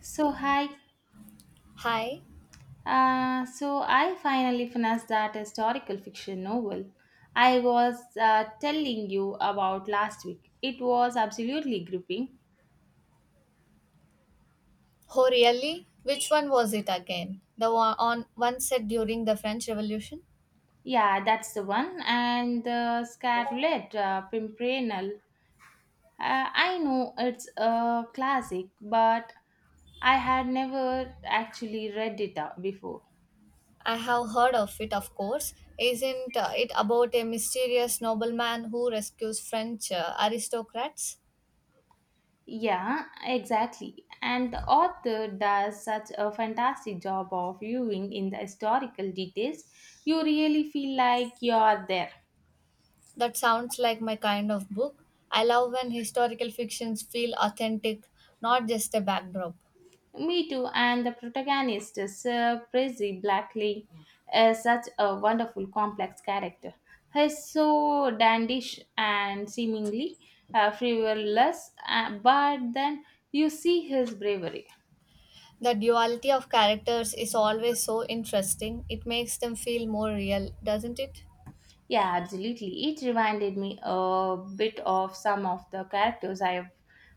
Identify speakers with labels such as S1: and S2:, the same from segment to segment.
S1: So hi,
S2: Hi.
S1: so I finally finished that historical fiction novel I was telling you about last week. It was absolutely gripping.
S2: Oh, really? Which one was it again? The one on one set during the French Revolution?
S1: Yeah, that's the one. And the Scarlet Pimpernel. I know it's a classic, but I had never actually read it out before.
S2: I have heard of it, of course. Isn't it about a mysterious nobleman who rescues French aristocrats?
S1: Yeah, exactly. And the author does such a fantastic job of viewing in the historical details. You really feel like you're there.
S2: That sounds like my kind of book. I love when historical fictions feel authentic, not just a backdrop.
S1: Me too, and the protagonist, Sir Prissy Blackley, is such a wonderful, complex character. He's so dandish and seemingly frivolous, but then you see his bravery.
S2: The duality of characters is always so interesting. It makes them feel more real, doesn't it?
S1: Yeah, absolutely. It reminded me a bit of some of the characters I've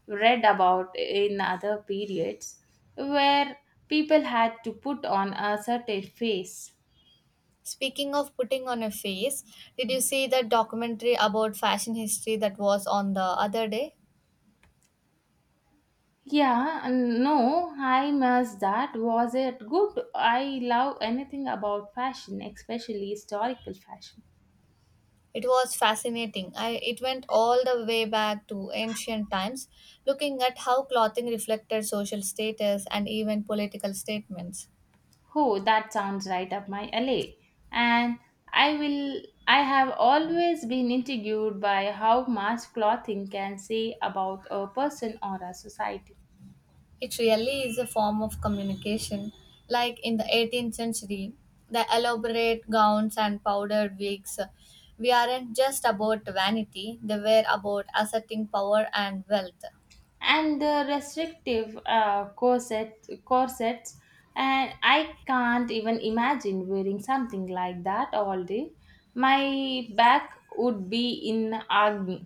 S1: read about in other periods where people had to put on a certain face.
S2: Speaking of putting on a face, did you see that documentary about fashion history that was on the other day?
S1: Yeah, no, I must that. Was it good? I love anything about fashion, especially historical fashion.
S2: It was fascinating. It went all the way back to ancient times, looking at how clothing reflected social status and even political statements.
S1: Oh, that sounds right up my alley. And I will I have always been intrigued by how mass clothing can say about a person or a society.
S2: It really is a form of communication. Like in the 18th century, the elaborate gowns and powdered wigs we aren't just about vanity, they were about asserting power and wealth.
S1: And the restrictive corsets, and I can't even imagine wearing something like that all day. My back would be in agony.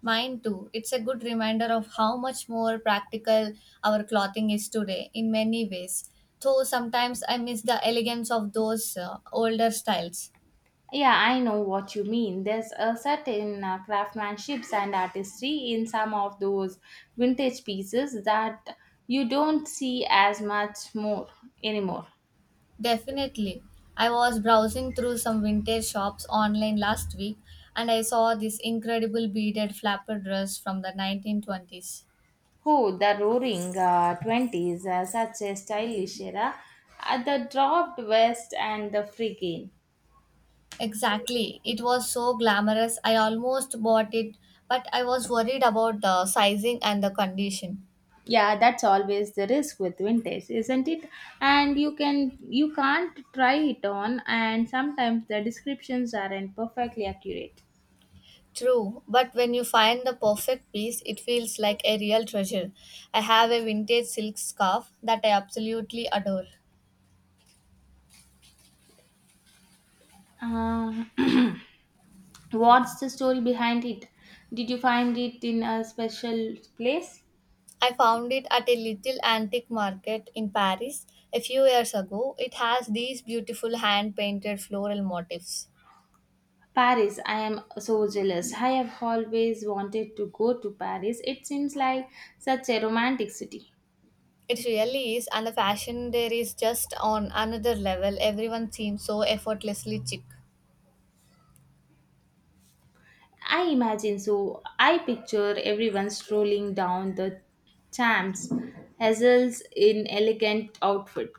S2: Mine too. It's a good reminder of how much more practical our clothing is today in many ways. Though sometimes I miss the elegance of those older styles.
S1: Yeah, I know what you mean. There's a certain craftsmanship and artistry in some of those vintage pieces that you don't see as much more anymore.
S2: Definitely. I was browsing through some vintage shops online last week and I saw this incredible beaded flapper dress from the 1920s.
S1: Oh, the roaring 20s, such a stylish era, the dropped vest and the free game.
S2: Exactly. It was so glamorous. I almost bought it, but I was worried about the sizing and the condition.
S1: Yeah, that's always the risk with vintage, isn't it? And you can't try it on and sometimes the descriptions aren't perfectly accurate.
S2: True, but when you find the perfect piece, it feels like a real treasure. I have a vintage silk scarf that I absolutely adore.
S1: Uh, What's the story behind it? Did you find it in a special place?
S2: I found it at a little antique market in Paris a few years ago. It has these beautiful hand painted floral motifs.
S1: Paris, I am so jealous. I have always wanted to go to Paris. It seems like such a romantic city.
S2: It really is, and the fashion there is just on another level. Everyone seems so effortlessly chic.
S1: I imagine so. I picture everyone strolling down the Champs, Hazels in elegant outfit.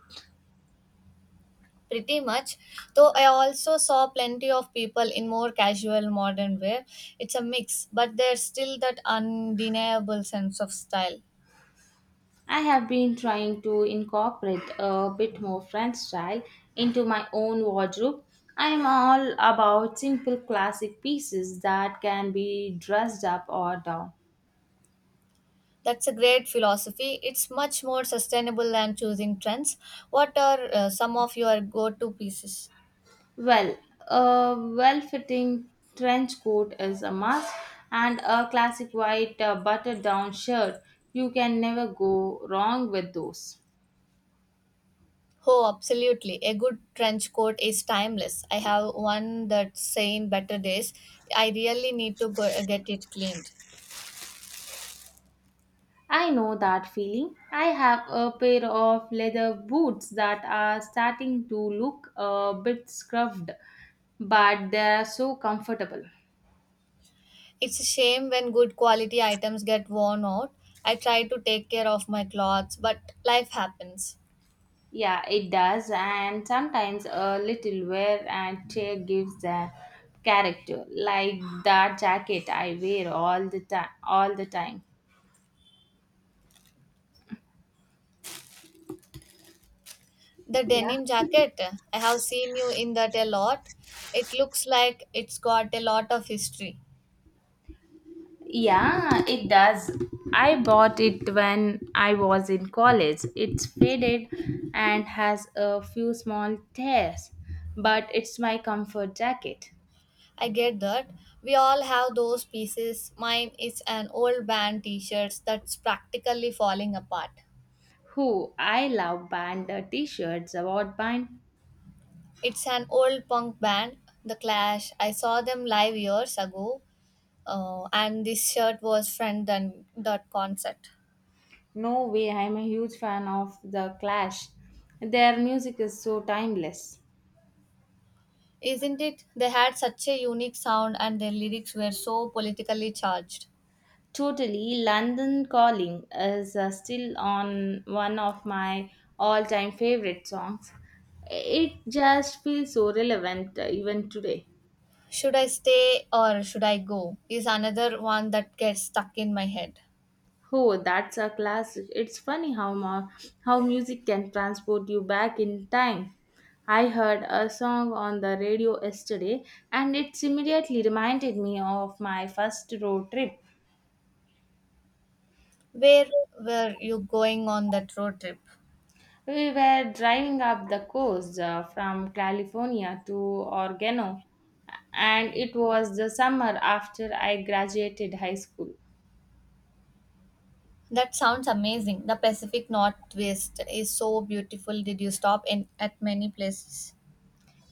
S2: Pretty much, though I also saw plenty of people in more casual modern wear. It's a mix, but there's still that undeniable sense of style.
S1: I have been trying to incorporate a bit more French style into my own wardrobe. I am all about simple classic pieces that can be dressed up or down.
S2: That's a great philosophy. It's much more sustainable than choosing trends. What are some of your go-to pieces?
S1: Well, a well fitting trench coat is a must, and a classic white button down shirt. You can never go wrong with those.
S2: Oh, absolutely. A good trench coat is timeless. I have one that's saying better days. I really need to get it cleaned.
S1: I know that feeling. I have a pair of leather boots that are starting to look a bit scruffed, but they are so comfortable.
S2: It's a shame when good quality items get worn out. I try to take care of my clothes, but life happens.
S1: Yeah, it does, and sometimes a little wear and tear gives the character, like that jacket I wear all the time. All the time.
S2: The
S1: Yeah.
S2: denim jacket, I have seen you in that a lot. It looks like it's got a lot of history.
S1: Yeah, it does. I bought it when I was in college. It's faded and has a few small tears, but it's my comfort jacket.
S2: I get that. We all have those pieces. Mine is an old band t shirts that's practically falling apart.
S1: Who I love band the t-shirts about band.
S2: It's an old punk band, The Clash. I saw them live years ago, and this shirt was friend than that concert.
S1: No way, I'm a huge fan of The Clash. Their music is so timeless.
S2: Isn't it? They had such a unique sound and their lyrics were so politically charged.
S1: Totally, London Calling is still on one of my all-time favorite songs. It just feels so relevant even today.
S2: Should I stay or should I go? Is another one that gets stuck in my head.
S1: Oh, that's a classic. It's funny how how music can transport you back in time. I heard a song on the radio yesterday and it immediately reminded me of my first road trip.
S2: Where were you going on that road trip?
S1: We were driving up the coast from California to Oregano, and it was the summer after I graduated high school.
S2: That sounds amazing. The Pacific Northwest is so beautiful. Did you stop in at many places?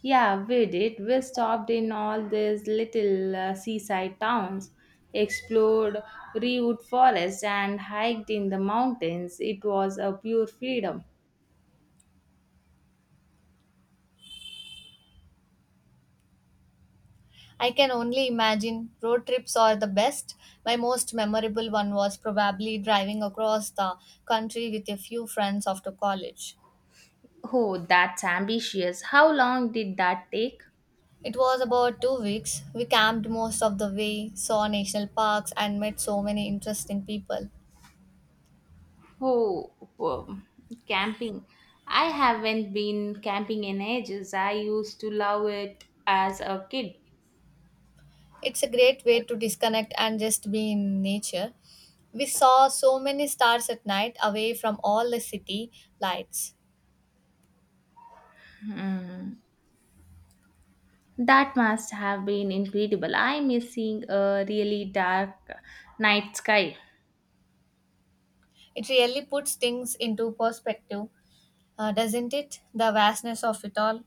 S1: Yeah, we did. We stopped in all these little seaside towns, explored redwood forest, and hiked in the mountains. It was a pure freedom.
S2: I can only imagine road trips are the best. My most memorable one was probably driving across the country with a few friends after college.
S1: Oh, that's ambitious. How long did that take?
S2: It was about 2 weeks. We camped most of the way, saw national parks, and met so many interesting people.
S1: Oh, um, camping. I haven't been camping in ages. I used to love it as a kid.
S2: It's a great way to disconnect and just be in nature. We saw so many stars at night away from all the city lights.
S1: That must have been incredible. I miss seeing a really dark night sky.
S2: It really puts things into perspective, doesn't it? The vastness of it all.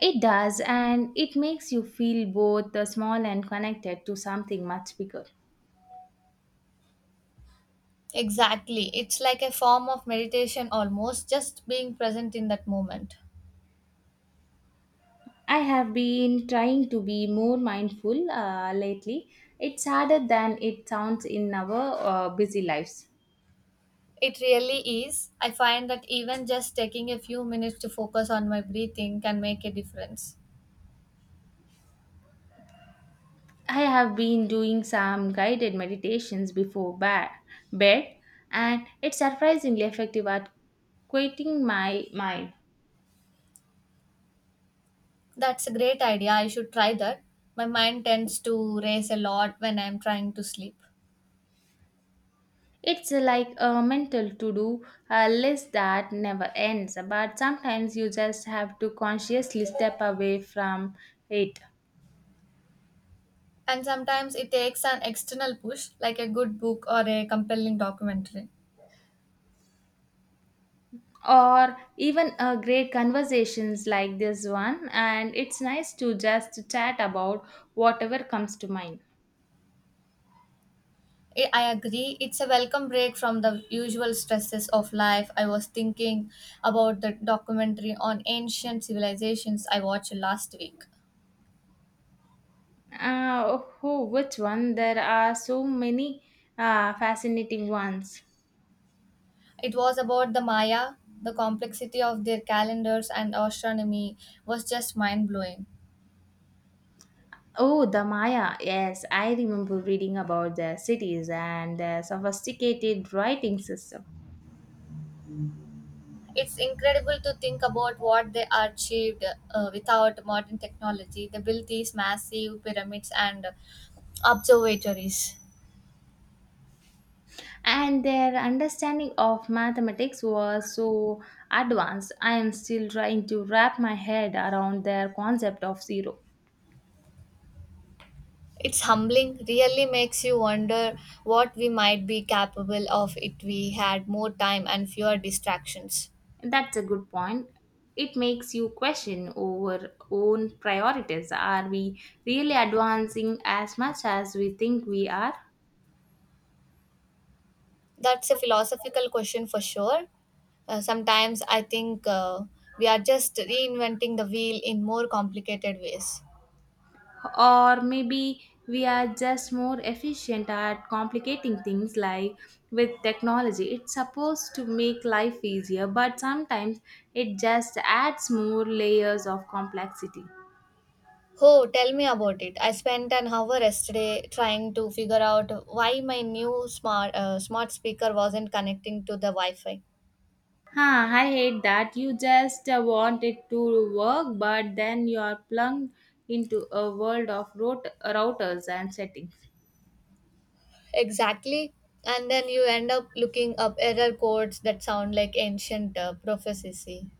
S1: It does, and it makes you feel both small and connected to something much bigger.
S2: Exactly. It's like a form of meditation almost, just being present in that moment.
S1: I have been trying to be more mindful lately. It's harder than it sounds in our busy lives.
S2: It really is. I find that even just taking a few minutes to focus on my breathing can make a difference.
S1: I have been doing some guided meditations before bed, and it's surprisingly effective at quieting my mind.
S2: That's a great idea. I should try that. My mind tends to race a lot when I'm trying to sleep.
S1: It's like a mental to do a list that never ends, but sometimes you just have to consciously step away from it.
S2: And sometimes it takes an external push, like a good book or a compelling documentary.
S1: Or even a great conversations like this one, and it's nice to just chat about whatever comes to mind.
S2: I agree, it's a welcome break from the usual stresses of life. I was thinking about the documentary on ancient civilizations I watched last week.
S1: Oh, which one? There are so many fascinating ones.
S2: It was about the Maya, the complexity of their calendars and astronomy was just mind blowing.
S1: Oh, the Maya. Yes, I remember reading about their cities and their sophisticated writing system.
S2: It's incredible to think about what they achieved without modern technology. They built these massive pyramids and observatories.
S1: And their understanding of mathematics was so advanced. I am still trying to wrap my head around their concept of zero.
S2: It's humbling, really makes you wonder what we might be capable of if we had more time and fewer distractions.
S1: That's a good point. It makes you question our own priorities. Are we really advancing as much as we think we are?
S2: That's a philosophical question for sure. Sometimes I think we are just reinventing the wheel in more complicated ways.
S1: Or maybe we are just more efficient at complicating things like with technology. It's supposed to make life easier, but sometimes it just adds more layers of complexity.
S2: Oh, tell me about it. I spent an hour yesterday trying to figure out why my new smart speaker wasn't connecting to the Wi-Fi.
S1: Huh, I hate that. You just want it to work, but then you're plugged into a world of routers and settings.
S2: Exactly. And then you end up looking up error codes that sound like ancient prophecy.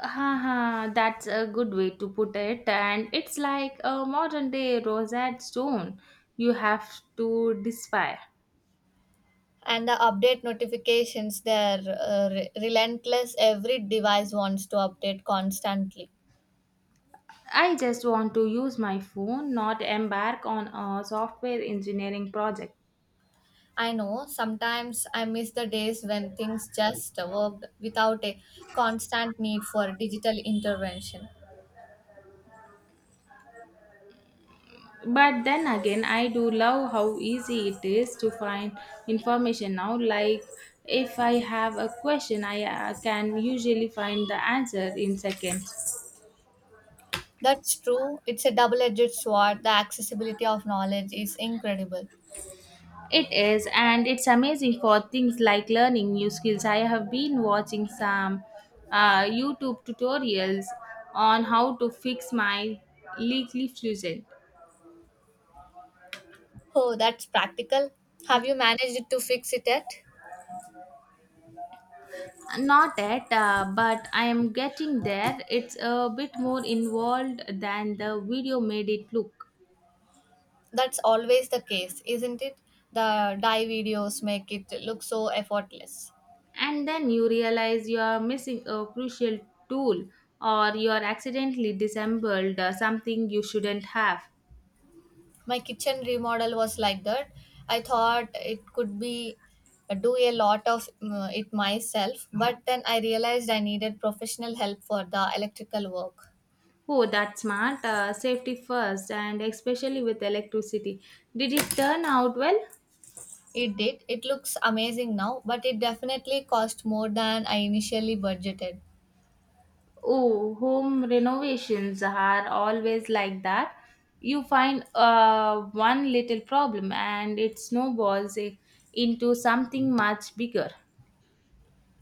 S1: Haha, that's a good way to put it. And it's like a modern day Rosetta Stone you have to despair.
S2: And the update notifications, they're relentless. Every device wants to update constantly.
S1: I just want to use my phone, not embark on a software engineering project.
S2: I know, sometimes I miss the days when things just worked without a constant need for digital intervention.
S1: But then again, I do love how easy it is to find information now. Like, if I have a question, I can usually find the answer in seconds.
S2: That's true, it's a double-edged sword. The accessibility of knowledge is incredible.
S1: It is, and it's amazing for things like learning new skills. I have been watching some YouTube tutorials on how to fix my leaky fusion.
S2: Oh, that's practical. Have you managed to fix it yet?
S1: Not yet, but I am getting there. It's a bit more involved than the video made it look.
S2: That's always the case, isn't it? The die videos make it look so effortless.
S1: And then you realize you are missing a crucial tool or you are accidentally disassembled something you shouldn't have.
S2: My kitchen remodel was like that. I thought it could be do a lot of it myself, but then I realized I needed professional help for the electrical work.
S1: Oh, that's smart, safety first and especially with electricity. Did it turn out well?
S2: It did, it looks amazing now, but it definitely cost more than I initially budgeted.
S1: Oh, home renovations are always like that. You find one little problem and it snowballs into something much bigger.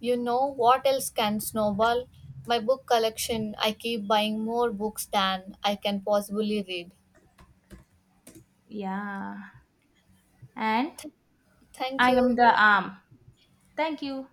S2: You know what else can snowball? My book collection. I keep buying more books than I can possibly read.
S1: Yeah. And
S2: Thank
S1: I am
S2: you.
S1: the arm, thank you.